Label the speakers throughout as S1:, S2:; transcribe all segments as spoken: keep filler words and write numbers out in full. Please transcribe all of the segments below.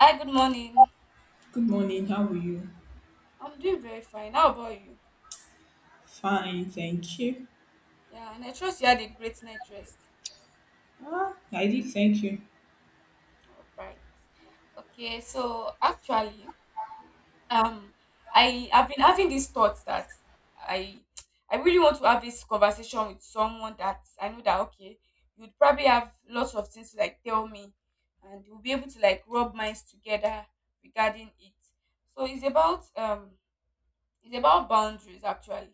S1: Hi, good morning.
S2: Good morning. How are you?
S1: I'm doing very fine. How about you?
S2: Fine, thank you.
S1: Yeah, and I trust you had a great night rest.
S2: Ah, I did thank you.
S1: All right. Okay, so actually, um, I have been having these thoughts that I I really want to have this conversation with someone that I know that, okay, you'd probably have lots of things to, like, tell me, and we'll be able to, like, rub minds together regarding it. So it's about um it's about boundaries, actually.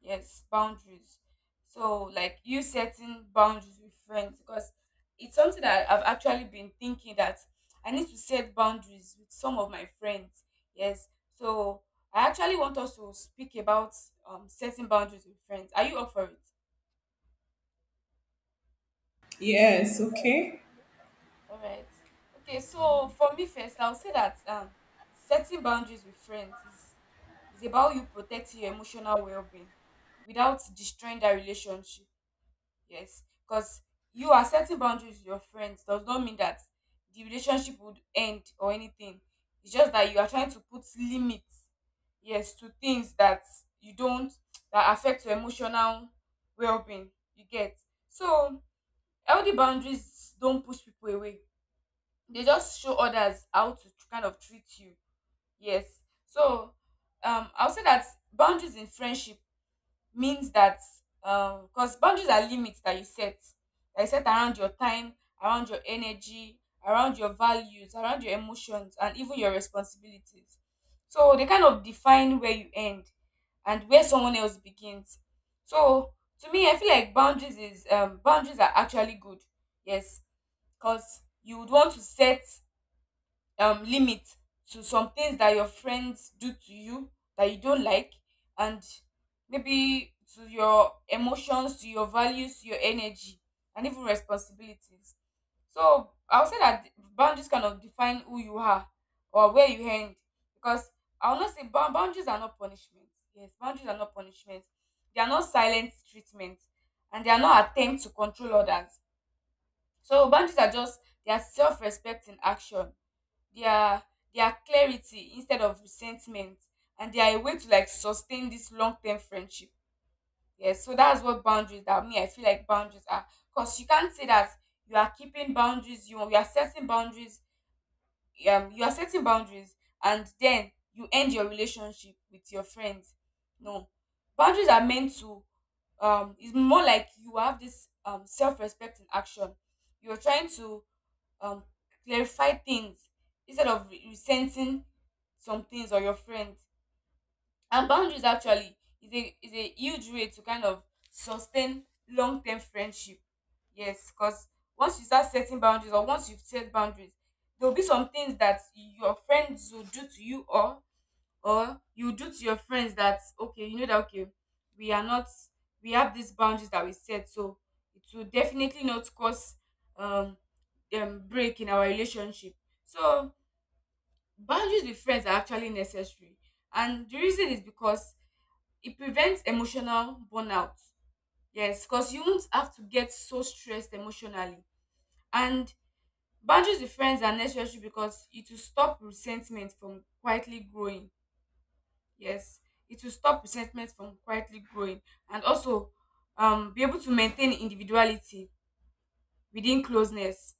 S1: Yes, boundaries. So, like, you setting boundaries with friends, because it's something that I've actually been thinking that I need to set boundaries with some of my friends. Yes. So I actually want us to speak about um, setting boundaries with friends. Are you up for it?
S2: Yes. Okay.
S1: All right. Okay, so for me, first, I'll say that um, setting boundaries with friends is is about you protecting your emotional well-being without destroying that relationship. Yes, because you are setting boundaries with your friends does not mean that the relationship would end or anything. It's just that you are trying to put limits, yes, to things that you don't that affect your emotional well-being. You get. So healthy boundaries don't push people away. They just show others how to tr- kind of treat you. Yes, so um, I'll say that boundaries in friendship means that, um because boundaries are limits that you set, that you set around your time, around your energy, around your values, around your emotions, and even your responsibilities. So they kind of define where you end and where someone else begins. So to me, I feel like boundaries is um boundaries are actually good. Yes, because you would want to set um, limit to some things that your friends do to you that you don't like, and maybe to your emotions, to your values, to your energy, and even responsibilities. So I would say that boundaries kind of define who you are or where you end, because I will not say bound- boundaries are not punishment. Yes, boundaries are not punishment. They are not silent treatment, and they are not attempt to control others. So boundaries are just, they are self-respect in action. Their their clarity instead of resentment. And they are a way to, like, sustain this long term friendship. Yes, so that's what boundaries, that me, I feel like boundaries are. Because you can't say that you are keeping boundaries, you you are setting boundaries, um you are setting boundaries, and then you end your relationship with your friends. No. Boundaries are meant to, um it's more like you have this, um self-respect in action. You're trying to, um clarify things instead of re- resenting some things or your friends. And boundaries actually is a is a huge way to kind of sustain long term friendship. Yes, because once you start setting boundaries, or once you've set boundaries, there will be some things that your friends will do to you, or or you do to your friends, that, okay, you know that, okay, we are not, we have these boundaries that we set, so it will definitely not cause um, um break in our relationship. So boundaries with friends are actually necessary. And the reason is because it prevents emotional burnout. Yes, because you won't have to get so stressed emotionally. And boundaries with friends are necessary because it will stop resentment from quietly growing. Yes, it will stop resentment from quietly growing, and also um, be able to maintain individuality within closeness.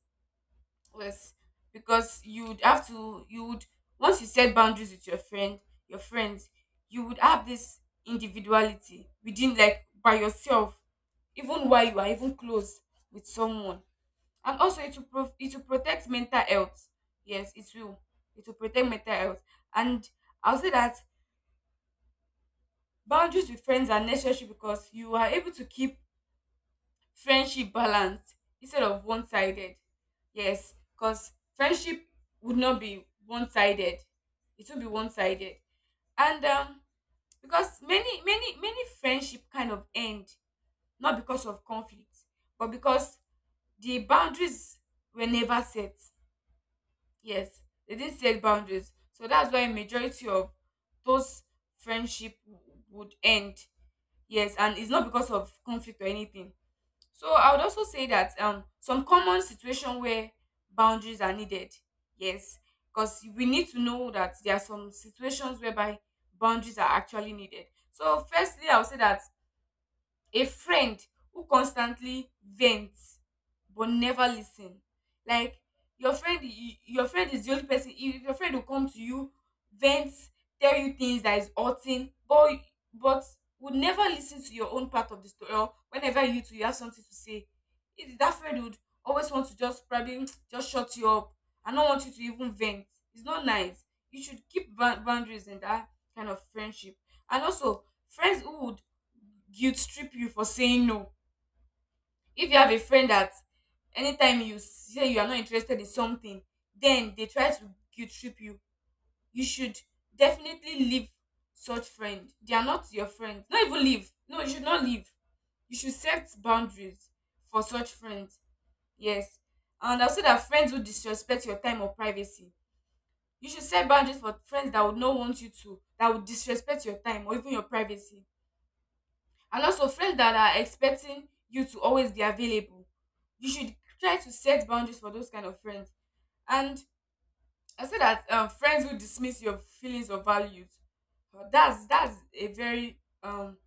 S1: Yes, because you would have to you would once you set boundaries with your friend your friends, you would have this individuality within, like, by yourself, even while you are even close with someone. And also it will pro- it will protect mental health. Yes, it will, it will protect mental health. And I'll say that boundaries with friends are necessary because you are able to keep friendship balanced instead of one sided. Yes, because friendship would not be one sided. It won't be one sided. And um because many many many friendship kind of end not because of conflict, but because the boundaries were never set. Yes, they didn't set boundaries, so that's why majority of those friendship w- would end. Yes, and it's not because of conflict or anything. So I would also say that um some common situation where boundaries are needed. Yes, because we need to know that there are some situations whereby boundaries are actually needed. So firstly, I would say that a friend who constantly vents but never listen. Like your friend, y- your friend is the only person. If your friend will come to you, vent, tell you things that is hurting, but but would never listen to your own part of the story. Or whenever you two you have something to say, it, that friend would always want to just probably just shut you up. I don't want you to even vent. It's not nice. You should keep ba- boundaries in that kind of friendship. And also, friends who would guilt trip you for saying no. If you have a friend that anytime you say you are not interested in something, then they try to guilt trip you. You should definitely leave such friend. They are not your friend. Not even leave. No, you should not leave. You should set boundaries for such friends. Yes. And also that friends who disrespect your time or privacy. You should set boundaries for friends that would not want you to, that would disrespect your time or even your privacy. And also friends that are expecting you to always be available. You should try to set boundaries for those kind of friends. And I say that, um, friends who dismiss your feelings or values. Uh, that's that's a very um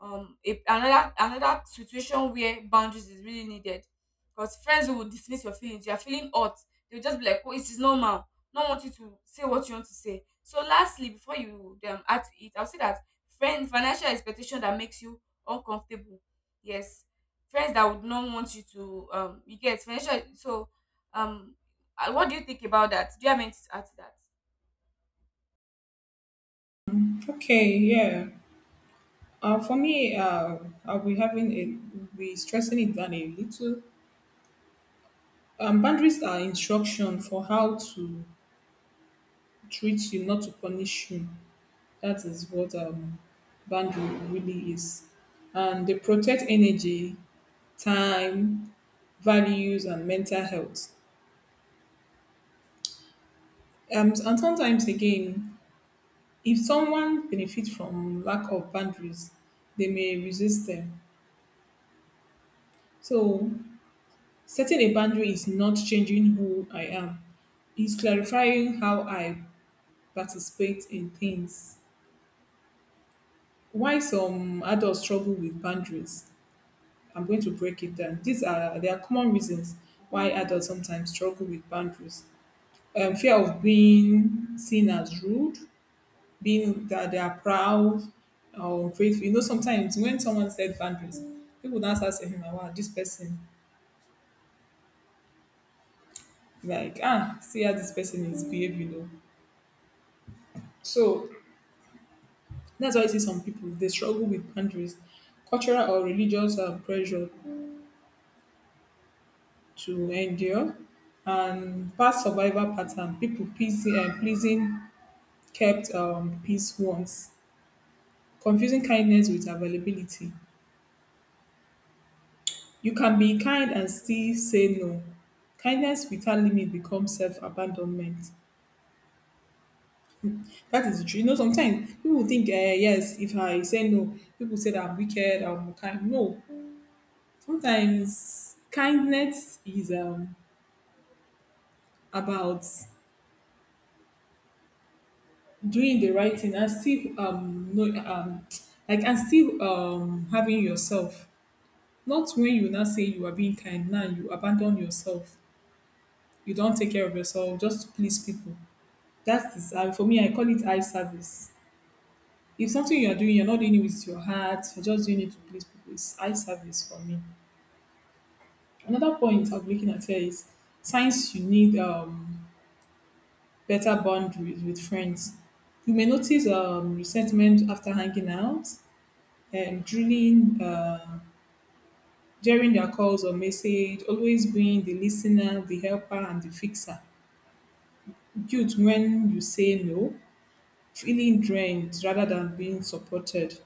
S1: um a, another another situation where boundaries is really needed, because friends will dismiss your feelings. You're feeling hot, they'll just be like, oh, it is normal, not want you to say what you want to say. So lastly, before you um, add to it, I'll say that friend financial expectation that makes you uncomfortable. Yes, friends that would not want you to, um you get financial. So, um uh, what do you think about that? Do you have anything to add to that?
S2: Okay. Yeah. Uh, for me, uh, I'll be having a we be stressing it down a little. Um, boundaries are instruction for how to treat you, not to punish you. That is what um boundary really is, and they protect energy, time, values, and mental health. Um, and sometimes again, if someone benefits from lack of boundaries, they may resist them. So, setting a boundary is not changing who I am, it's clarifying how I participate in things. Why some adults struggle with boundaries? I'm going to break it down. These are There are common reasons why adults sometimes struggle with boundaries. Um, fear of being seen as rude, being that they are proud or grateful. You know, sometimes when someone said boundaries, people don't start saying, wow, this person, like, ah, see how this person is behaving. Oh. So that's why I see some people, they struggle with boundaries, cultural or religious uh, pressure to endure, and past survival pattern, people pleasing, uh, pleasing kept um, peace once, confusing kindness with availability. You can be kind and still say no. Kindness without limit becomes self-abandonment. That is the truth. You know, sometimes people think, uh, yes, if I say no, people say that I'm wicked, I'm unkind. No. Sometimes kindness is um, about doing the right thing and still, um, no, um, like and still, um, having yourself. Not when you now say you are being kind, now you abandon yourself. You don't take care of yourself just to please people. That's the ser- for me, I call it eye service. If something you're doing, you're not doing it with your heart, you're just doing it to please people. It's eye service for me. Another point I'm looking at here is signs you need um, better boundaries with friends. You may notice um, resentment after hanging out, um, drilling, uh, during their calls or message, always being the listener, the helper, and the fixer. Guilt when you say no, feeling drained rather than being supported.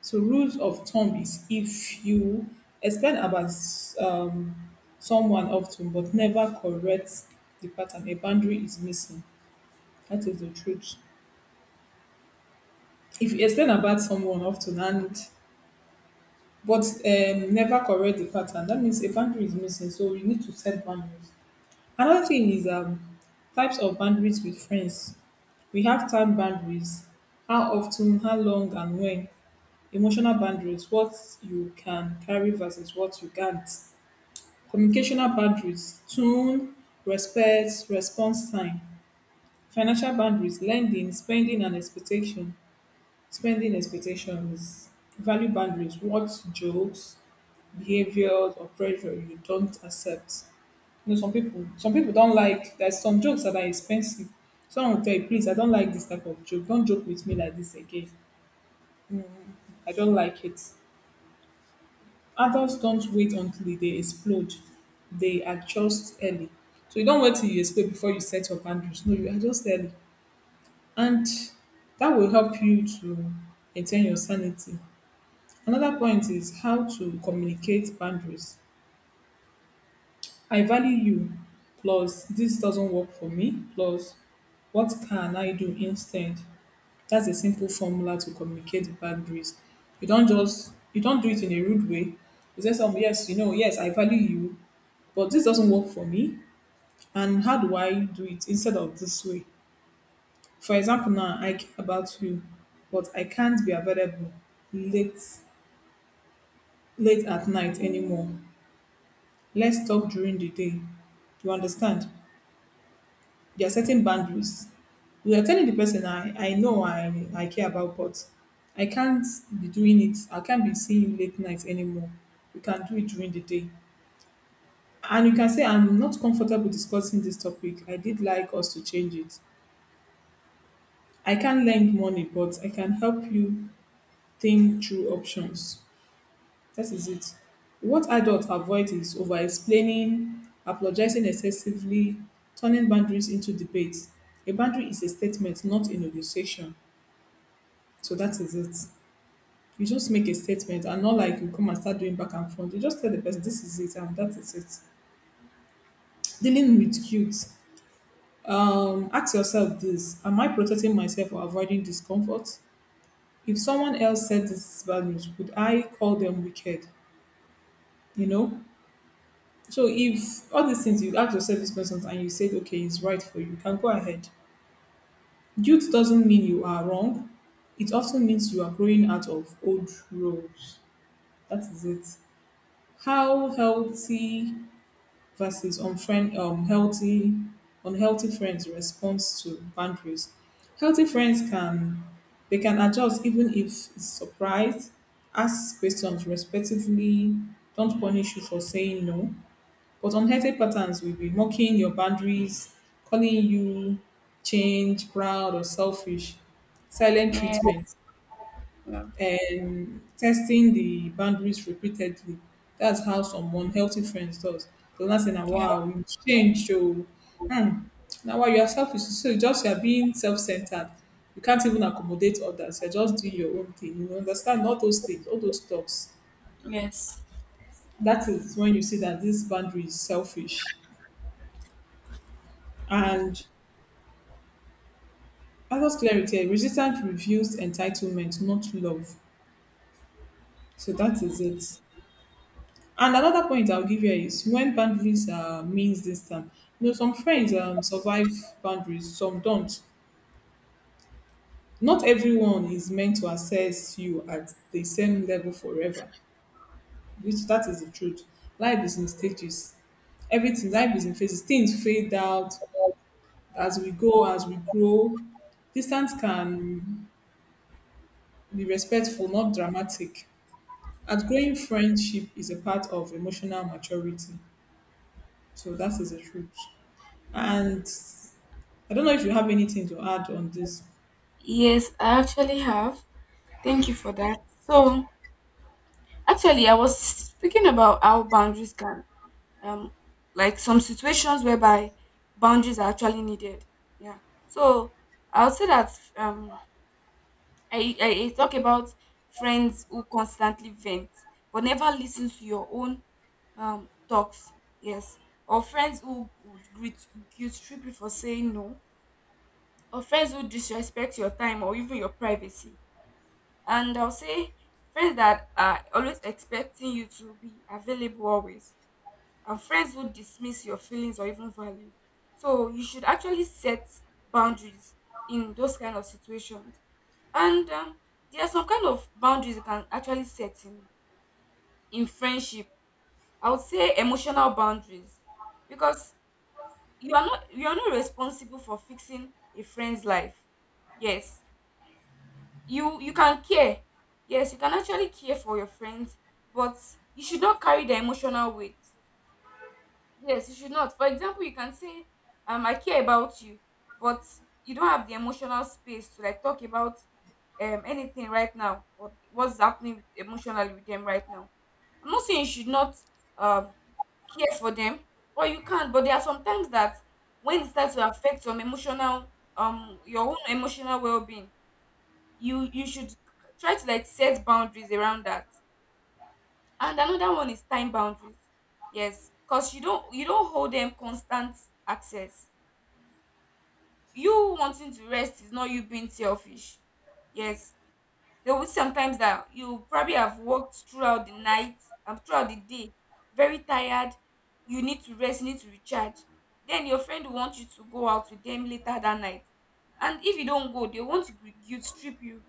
S2: So rules of thumb is if you explain about um, someone often but never correct the pattern, a boundary is missing. That is the truth. If you explain about someone often and but um, never correct the pattern, that means a boundary is missing. So you need to set boundaries. Another thing is um, types of boundaries with friends. We have time boundaries, how often, how long, and when. Emotional boundaries, what you can carry versus what you can't. Communicational boundaries, tone, respect, response time. Financial boundaries, lending, spending, and expectation. Spending expectations. Value boundaries, what jokes, behaviors, or pressure you don't accept. You know, some people, some people don't like. There's some jokes that are expensive. Someone will tell you, please, I don't like this type of joke. Don't joke with me like this again. I don't like it. Adults don't wait until they explode. They adjust early. So you don't wait till you explode before you set your boundaries. No, you adjust early. And that will help you to maintain your sanity. Another point is how to communicate boundaries. I value you, plus this doesn't work for me, plus what can I do instead? That's a simple formula to communicate the boundaries. You don't just you don't do it in a rude way. You say something, yes, you know, yes, I value you, but this doesn't work for me. And how do i do it instead of this way? For example, now i care about you, but i can't be available late late at night anymore. Let's talk during the day, you understand? You're setting boundaries. You are telling the person, i i know, i i care about, but i can't be doing it. I can't be seeing you late night anymore. We can do it during the day. And you can say, i'm not comfortable discussing this topic, i did like us to change it. I can't lend money, but I can help you think through options. That is it. What adults avoid is over explaining, apologizing excessively, turning boundaries into debate. A boundary is a statement, not a negotiation. So that is it. You just make a statement and not like you come and start doing back and forth. You just tell the person this is it and that is it. Dealing with guilt. Um, ask yourself this. Am I protecting myself or avoiding discomfort? If someone else said these values, would I call them wicked? You know? So if all these things, you ask yourself these questions and you said, okay, it's right for you, you can go ahead. Guilt doesn't mean you are wrong. It often means you are growing out of old roles. That is it. How healthy versus unfriend um healthy unhealthy friends response to boundaries. Healthy friends can, they can adjust even if it's surprised, ask questions respectfully, don't punish you for saying no. But unhealthy patterns will be mocking your boundaries, calling you change proud or selfish, silent
S1: Yeah.
S2: treatment,
S1: Yeah.
S2: um, testing the boundaries repeatedly. That's how some unhealthy friends does. They'll not say, now, wow, you change, so, hmm. Now, while you are selfish, so you just you are being self-centered. You can't even accommodate others. You're just doing your own thing. You understand all those things, all those talks. That is when you see that this boundary is selfish. And other clarity, resistance reveals entitlement, not love. So that is it. And another point I'll give here is when boundaries are means distance. You know, some friends um, survive boundaries, some don't. Not everyone is meant to assess you at the same level forever, which that is the truth. Life is in stages. Everything, life is in phases. Things fade out as we go, as we grow. Distance can be respectful, not dramatic. Outgrowing friendship is a part of emotional maturity. So that is the truth. And I don't know if you have anything to add on this.
S1: Yes, I actually have. Thank you for that. So, actually, I was speaking about how boundaries can, um, like some situations whereby boundaries are actually needed. Yeah. So I would say that, um, I, I, I talk about friends who constantly vent but never listen to your own um, talks. Yes. Or friends who would guilt guilt trip you for saying no. Or friends who disrespect your time or even your privacy. And I'll say friends that are always expecting you to be available always, and friends who dismiss your feelings or even value. So you should actually set boundaries in those kind of situations. And um, there are some kind of boundaries you can actually set in in friendship. I would say emotional boundaries, because you are not you are not responsible for fixing a friend's life. Yes, you you can care. Yes, you can actually care for your friends, but you should not carry the emotional weight. Yes, you should not. For example, you can say, um I care about you, but you don't have the emotional space to, like, talk about um anything right now, or what's happening with, emotionally with them right now. I'm not saying you should not um care for them, or you can. But there are some times that, when it starts to affect some emotional, um your own emotional well-being, you you should try to, like, set boundaries around that. And another one is time boundaries. Yes, because you don't you don't hold them constant access. You wanting to rest is not you being selfish. Yes, there will be sometimes that you probably have worked throughout the night and throughout the day, very tired. You need to rest, you need to recharge. Then your friend will want you to go out with them later that night, and if you don't go, they want to gu- guilt trip you.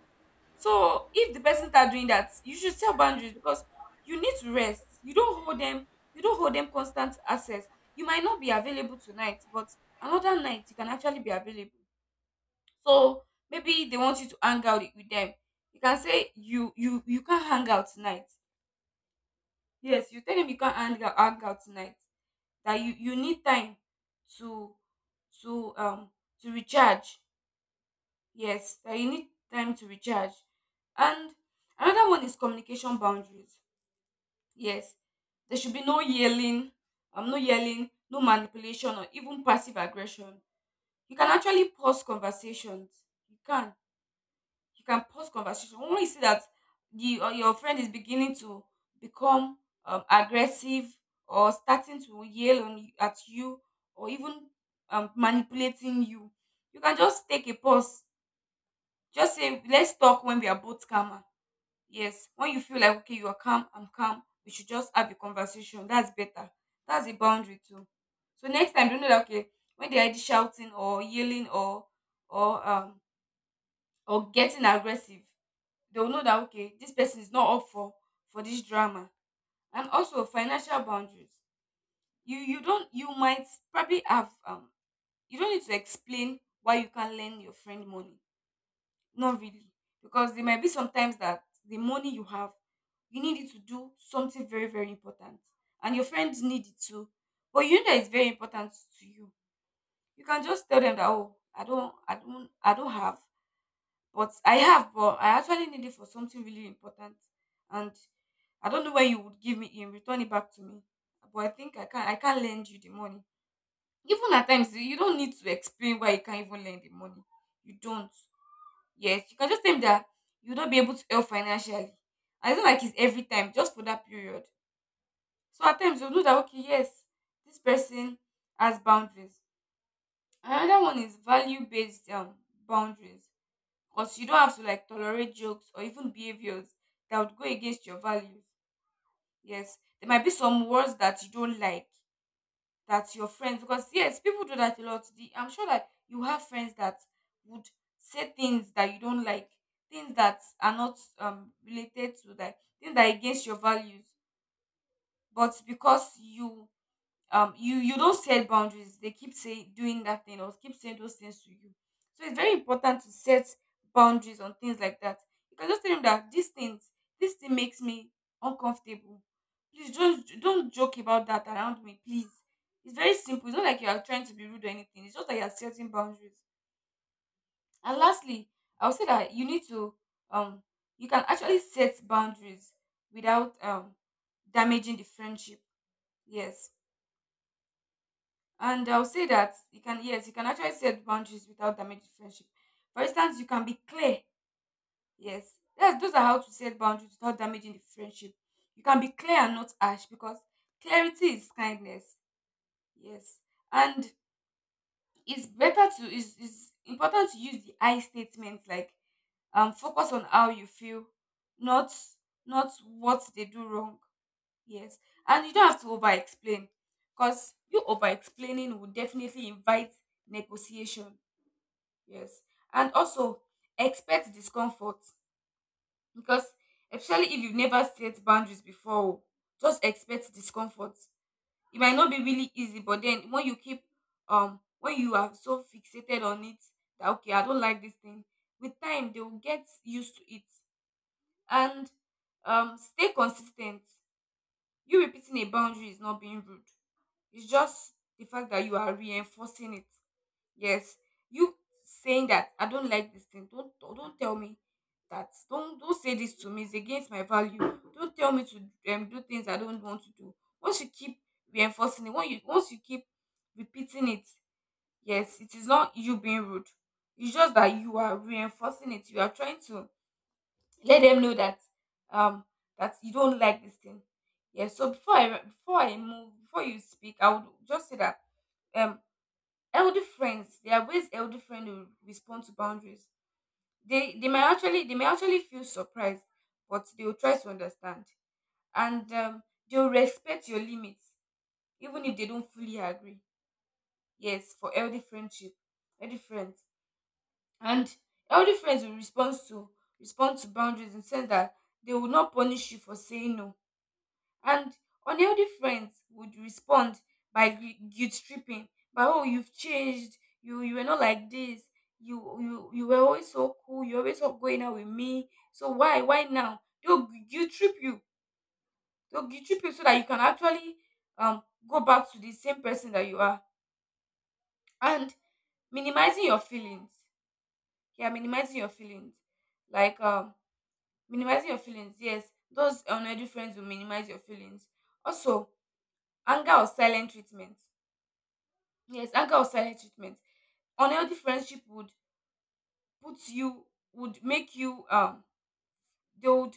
S1: So if the person start doing that, you should set boundaries, because you need to rest. You don't hold them. You don't hold them constant access. You might not be available tonight, but another night you can actually be available. So maybe they want you to hang out with them. You can say you you you can't hang out tonight. Yes, you tell them you can't hang out, hang out tonight. That you you need time to to um to recharge. Yes, that you need time to recharge. And another one is communication boundaries. Yes, there should be no yelling, um no yelling, no manipulation, or even passive aggression. You can actually pause conversations. you can you can pause conversation when you see that the or your friend is beginning to become um, aggressive, or starting to yell on y- at you, or even um, manipulating you. You can just take a pause. Just say, let's talk when we are both calmer. Yes, when you feel like, okay, you are calm, I'm calm, we should just have a conversation. That's better. That's a boundary too. So next time, don't know that, okay, when they are shouting or yelling, or, or, um, or getting aggressive, they'll know that, okay, this person is not up for, for this drama. And also financial boundaries. You, you don't, you might probably have, um, you don't need to explain why you can't lend your friend money. Not really. Because there might be sometimes that the money you have, you need it to do something very, very important. And your friends need it too. But you know that it's very important to you. You can just tell them that oh, I don't I don't I don't have, but I have, but I actually need it for something really important. And I don't know when you would give me in, return it back to me. But I think I can I can lend you the money. Even at times you don't need to explain why you can't even lend the money. You don't. Yes, you can just tell him that you'll not be able to help financially. And it's not like it's every time, just for that period. So at times you'll know that okay, yes, this person has boundaries. Another one is value based um boundaries. Because you don't have to like tolerate jokes or even behaviors that would go against your values. Yes. There might be some words that you don't like that your friends, because yes, people do that a lot. the, I'm sure that you have friends that would say things that you don't like, things that are not um, related to that, things that are against your values. But because you um you you don't set boundaries, they keep saying, doing that thing, or keep saying those things to you. So it's very important to set boundaries on things like that. You can just tell them that these things this thing makes me uncomfortable. Please just don't joke about that around me, please. It's very simple. It's not like you are trying to be rude or anything. It's just that you are setting boundaries. And lastly, I would say that you need to um you can actually set boundaries without um damaging the friendship. Yes. And I'll say that you can, yes, you can actually set boundaries without damaging friendship. For instance, you can be clear. Yes, that's, those are how to set boundaries without damaging the friendship. You can be clear and not harsh, because clarity is kindness. Yes, and it's better to is it's important to use the I statements, like um focus on how you feel, not not what they do wrong. Yes. And you don't have to over explain, because you over explaining will definitely invite negotiation. Yes. And also expect discomfort, because especially if you've never set boundaries before, oh, just expect discomfort. It might not be really easy, but then when you keep, um, when you are so fixated on it that, okay, I don't like this thing, with time they will get used to it. And um, stay consistent. You repeating a boundary is not being rude. It's just the fact that you are reinforcing it. Yes, you saying that I don't like this thing. Don't don't tell me that. Don't don't say this to me. It's against my value. Don't tell me to um, do things I don't want to do. Once you keep reinforcing it, once you once you keep repeating it, yes, it is not you being rude. It's just that you are reinforcing it. You are trying to let them know that um that you don't like this thing. Yes. So before I before I move before you speak, I would just say that um elder friends, there are ways elder friend will respond to boundaries. They they may actually they may actually feel surprised, but they will try to understand, and um, they will respect your limits even if they don't fully agree. Yes, for elder friendship, elder friends, and elder friends will respond to respond to boundaries in the sense that they will not punish you for saying no. And unhealthy friends would respond by gu- guilt tripping, by oh you've changed, you you were not like this, you you you were always so cool, you always up going out with me, so why why now? They'll gu- guilt trip you, they'll guilt trip you so that you can actually um go back to the same person that you are, and minimizing your feelings. Yeah, minimizing your feelings, like um minimizing your feelings. Yes, those unhealthy friends will minimize your feelings. Also, anger or silent treatment. Yes, anger or silent treatment. Unhealthy friendship would put you, would make you um they would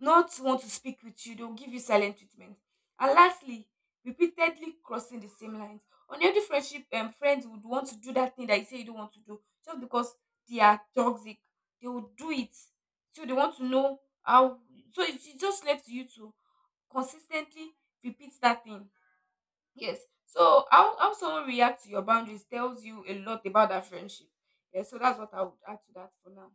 S1: not want to speak with you. They'll give you silent treatment. And lastly, repeatedly crossing the same lines. Unhealthy friendship um, friends would want to do that thing that you say you don't want to do, just because they are toxic. They will do it. So they want to know how, so it's it's just left to you to consistently repeat that thing. Yes. So how how someone reacts to your boundaries tells you a lot about that friendship. Yeah, so that's what I would add to that for now.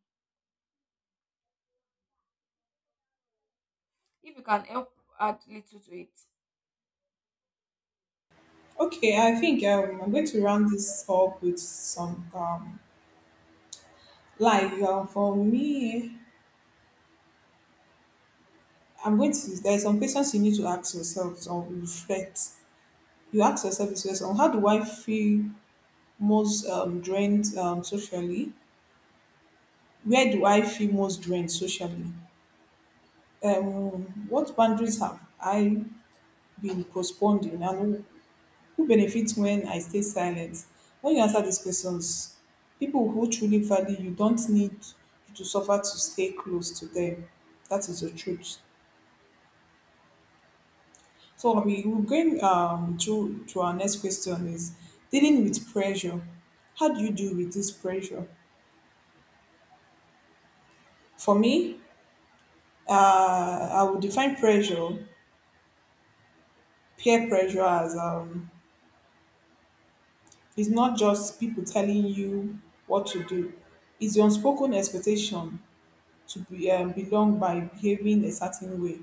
S1: If you can help add little to it.
S2: Okay, I think um, I'm going to round this up with some, um, like um, for me, I'm going to. There's some questions you need to ask yourself or reflect. You ask yourself this question: how do I feel most um, drained um, socially? Where do I feel most drained socially? Um, what boundaries have I been postponed in, and who benefits when I stay silent? When you answer these questions, people who truly value you don't need you to suffer to stay close to them. That is the truth. So we will going um to to our next question is dealing with pressure. How do you deal with this pressure? For me, uh, I would define pressure, peer pressure as, um, it's not just people telling you what to do. It's the unspoken expectation to be, um, belong by behaving a certain way.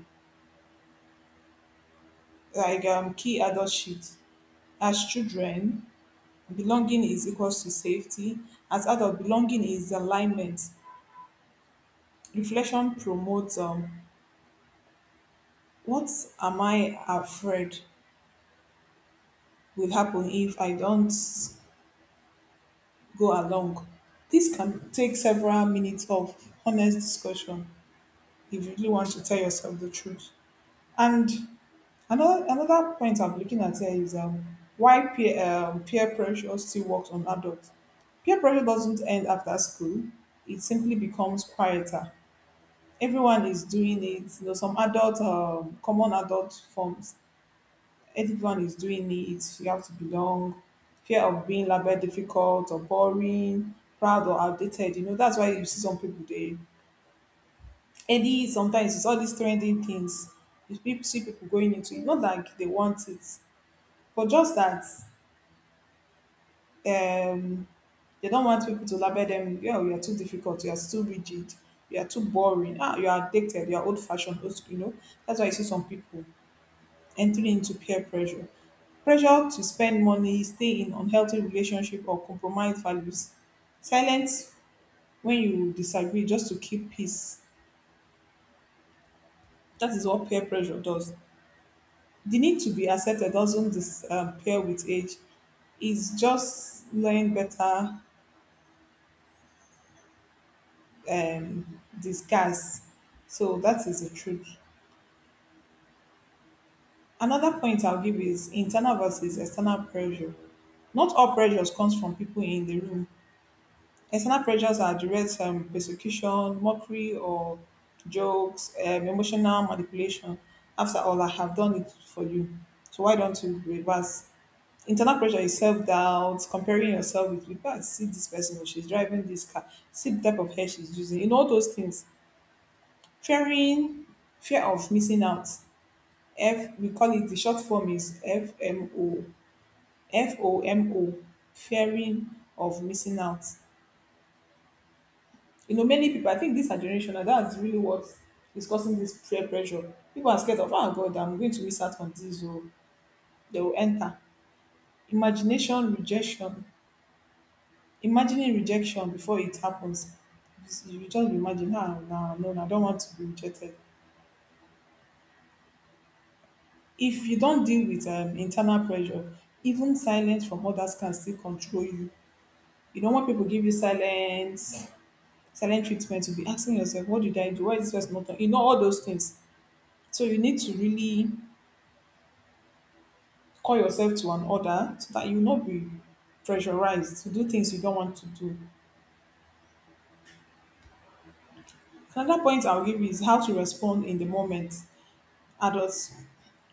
S2: Like um, key adult shifts. As children, belonging is equals to safety. As adult, belonging is alignment. Reflection promotes, um, what am I afraid will happen if I don't go along. This can take several minutes of honest discussion if you really want to tell yourself the truth. And Another another point I'm looking at here is um, why peer um, peer pressure still works on adults. Peer pressure doesn't end after school; it simply becomes quieter. Everyone is doing it. You know, some adult, um, common adult forms. Everyone is doing it. You have to belong. Fear of being labeled difficult or boring, proud or outdated. You know, that's why you see some people, they any sometimes it's all these trending things. You peop- see people going into it, not like they want it. But just that um, they don't want people to label them. You know, you're too difficult, you're too rigid, you're too boring, ah, you're addicted, you're old fashioned, old school, you know. That's why you see some people entering into peer pressure. Pressure to spend money, stay in unhealthy relationship or compromise values. Silence when you disagree just to keep peace. That is what peer pressure does. The need to be accepted doesn't dis- um, pair with age. It's just knowing better um, disguise. So that is the truth. Another point I'll give is internal versus external pressure. Not all pressures comes from people in the room. External pressures are direct um, persecution, mockery, or jokes, um, emotional manipulation. After all, I have done it for you. So why don't you reverse? Internal pressure is self-doubt, comparing yourself with people. Ah, see this person, oh, she's driving this car. See the type of hair she's using. You know all those things, fearing fear of missing out. F We call it, the short form is F M O F O M O, fearing of missing out. You know, many people, i think these are generational. That's really what is causing this peer pressure. People are scared of, oh god, i'm going to miss out on this, or they will enter imagination rejection imagining rejection before it happens. You just imagine, ah, no, no, i don't want to be rejected. If you don't deal with um internal pressure, even silence from others can still control you. You know, when people give you silence, silent treatment, you'll be asking yourself, what did i do? Why is this person not talking? You know, all those things. So you need to really call yourself to an order so that you will not be pressurized to do things you don't want to do. Another point i'll give you is how to respond in the moment. Adults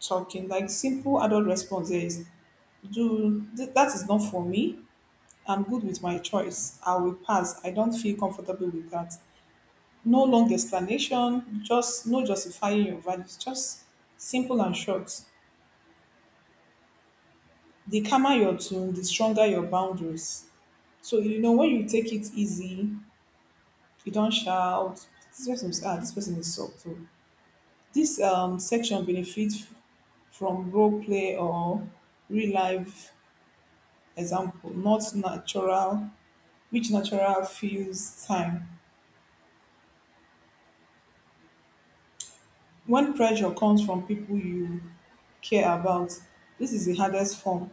S2: talking, like, simple adult response is, do th- that is not for me. I'm good with my choice. I will pass. I don't feel comfortable with that. No long explanation, just no justifying your values, just simple and short. The calmer your tune, the stronger your boundaries. So you know, when you take it easy, you don't shout. This person is, ah, this person is soft subtle. This um section benefits from role play or real life example, not natural, which natural feels time. When pressure comes from people you care about. This is the hardest form.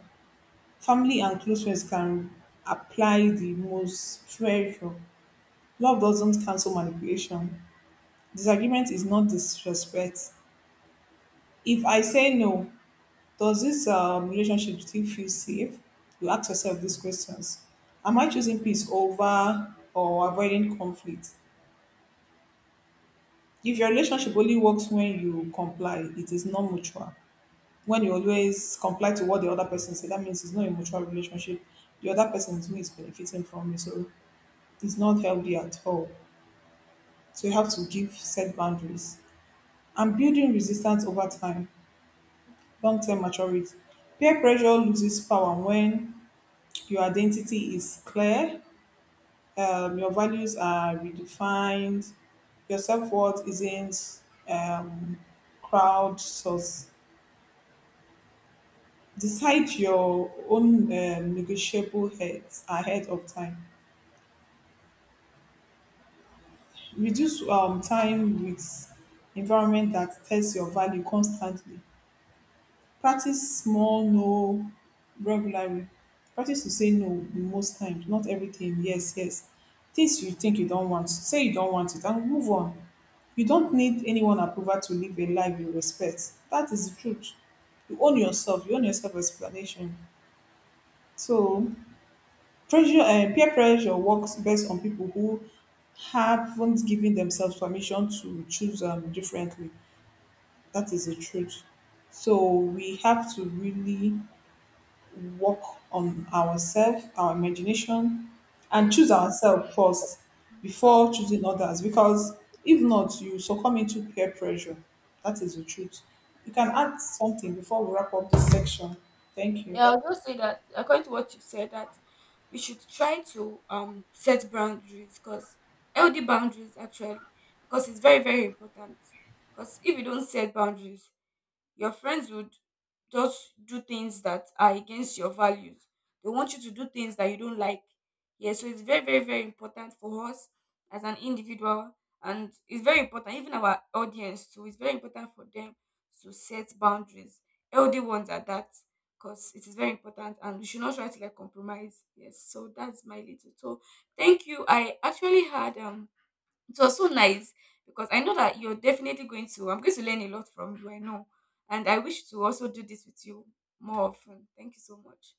S2: Family and close friends can apply the most pressure. Love doesn't cancel manipulation. Disagreement is not disrespect. If I say no, does this um, relationship still feel safe? You ask yourself these questions. Am I choosing peace over or avoiding conflict? If your relationship only works when you comply, it is not mutual. When you always comply to what the other person say, that means it's not a mutual relationship. The other person is who is benefiting from it, so it's not healthy at all. So you have to give set boundaries and building resistance over time, long-term maturity. Peer pressure loses power when your identity is clear, um, your values are redefined, your self-worth isn't um, crowd source. Decide your own um, negotiable heads ahead of time. Reduce um time with environment that tests your value constantly. Practice small no regularly. Practice to say no most times, not everything, yes, yes. Things you think you don't want, say you don't want it and move on. You don't need anyone approval to live a life you respect. That is the truth. You own yourself, you own your self explanation. So pressure um peer pressure works best on people who haven't given themselves permission to choose um, differently. That is the truth. So we have to really work on ourselves, our imagination, and choose
S1: Yes,
S2: ourselves first
S1: true,
S2: before choosing others. Because if not, you succumb into peer pressure. That is the truth. You can
S1: true.
S2: add something before we wrap up this section. Thank you.
S1: Yeah, I'll just say that according to what you said, that we should try to um set boundaries, because healthy boundaries actually, because it's very, very important. Because if you don't set boundaries, your friends would just do things that are against your values. They want you to do things that you don't like. Yeah, so it's very, very, very important for us as an individual, and it's very important, even our audience too. It's very important for them to set boundaries. Healthy ones are that, because it is very important, and we should not try to like compromise. Yes, so that's my little. So thank you. I actually had um it was so nice, because I know that you're definitely going to, I'm going to learn a lot from you, I know. And I wish to also do this with you more often. Thank you so much.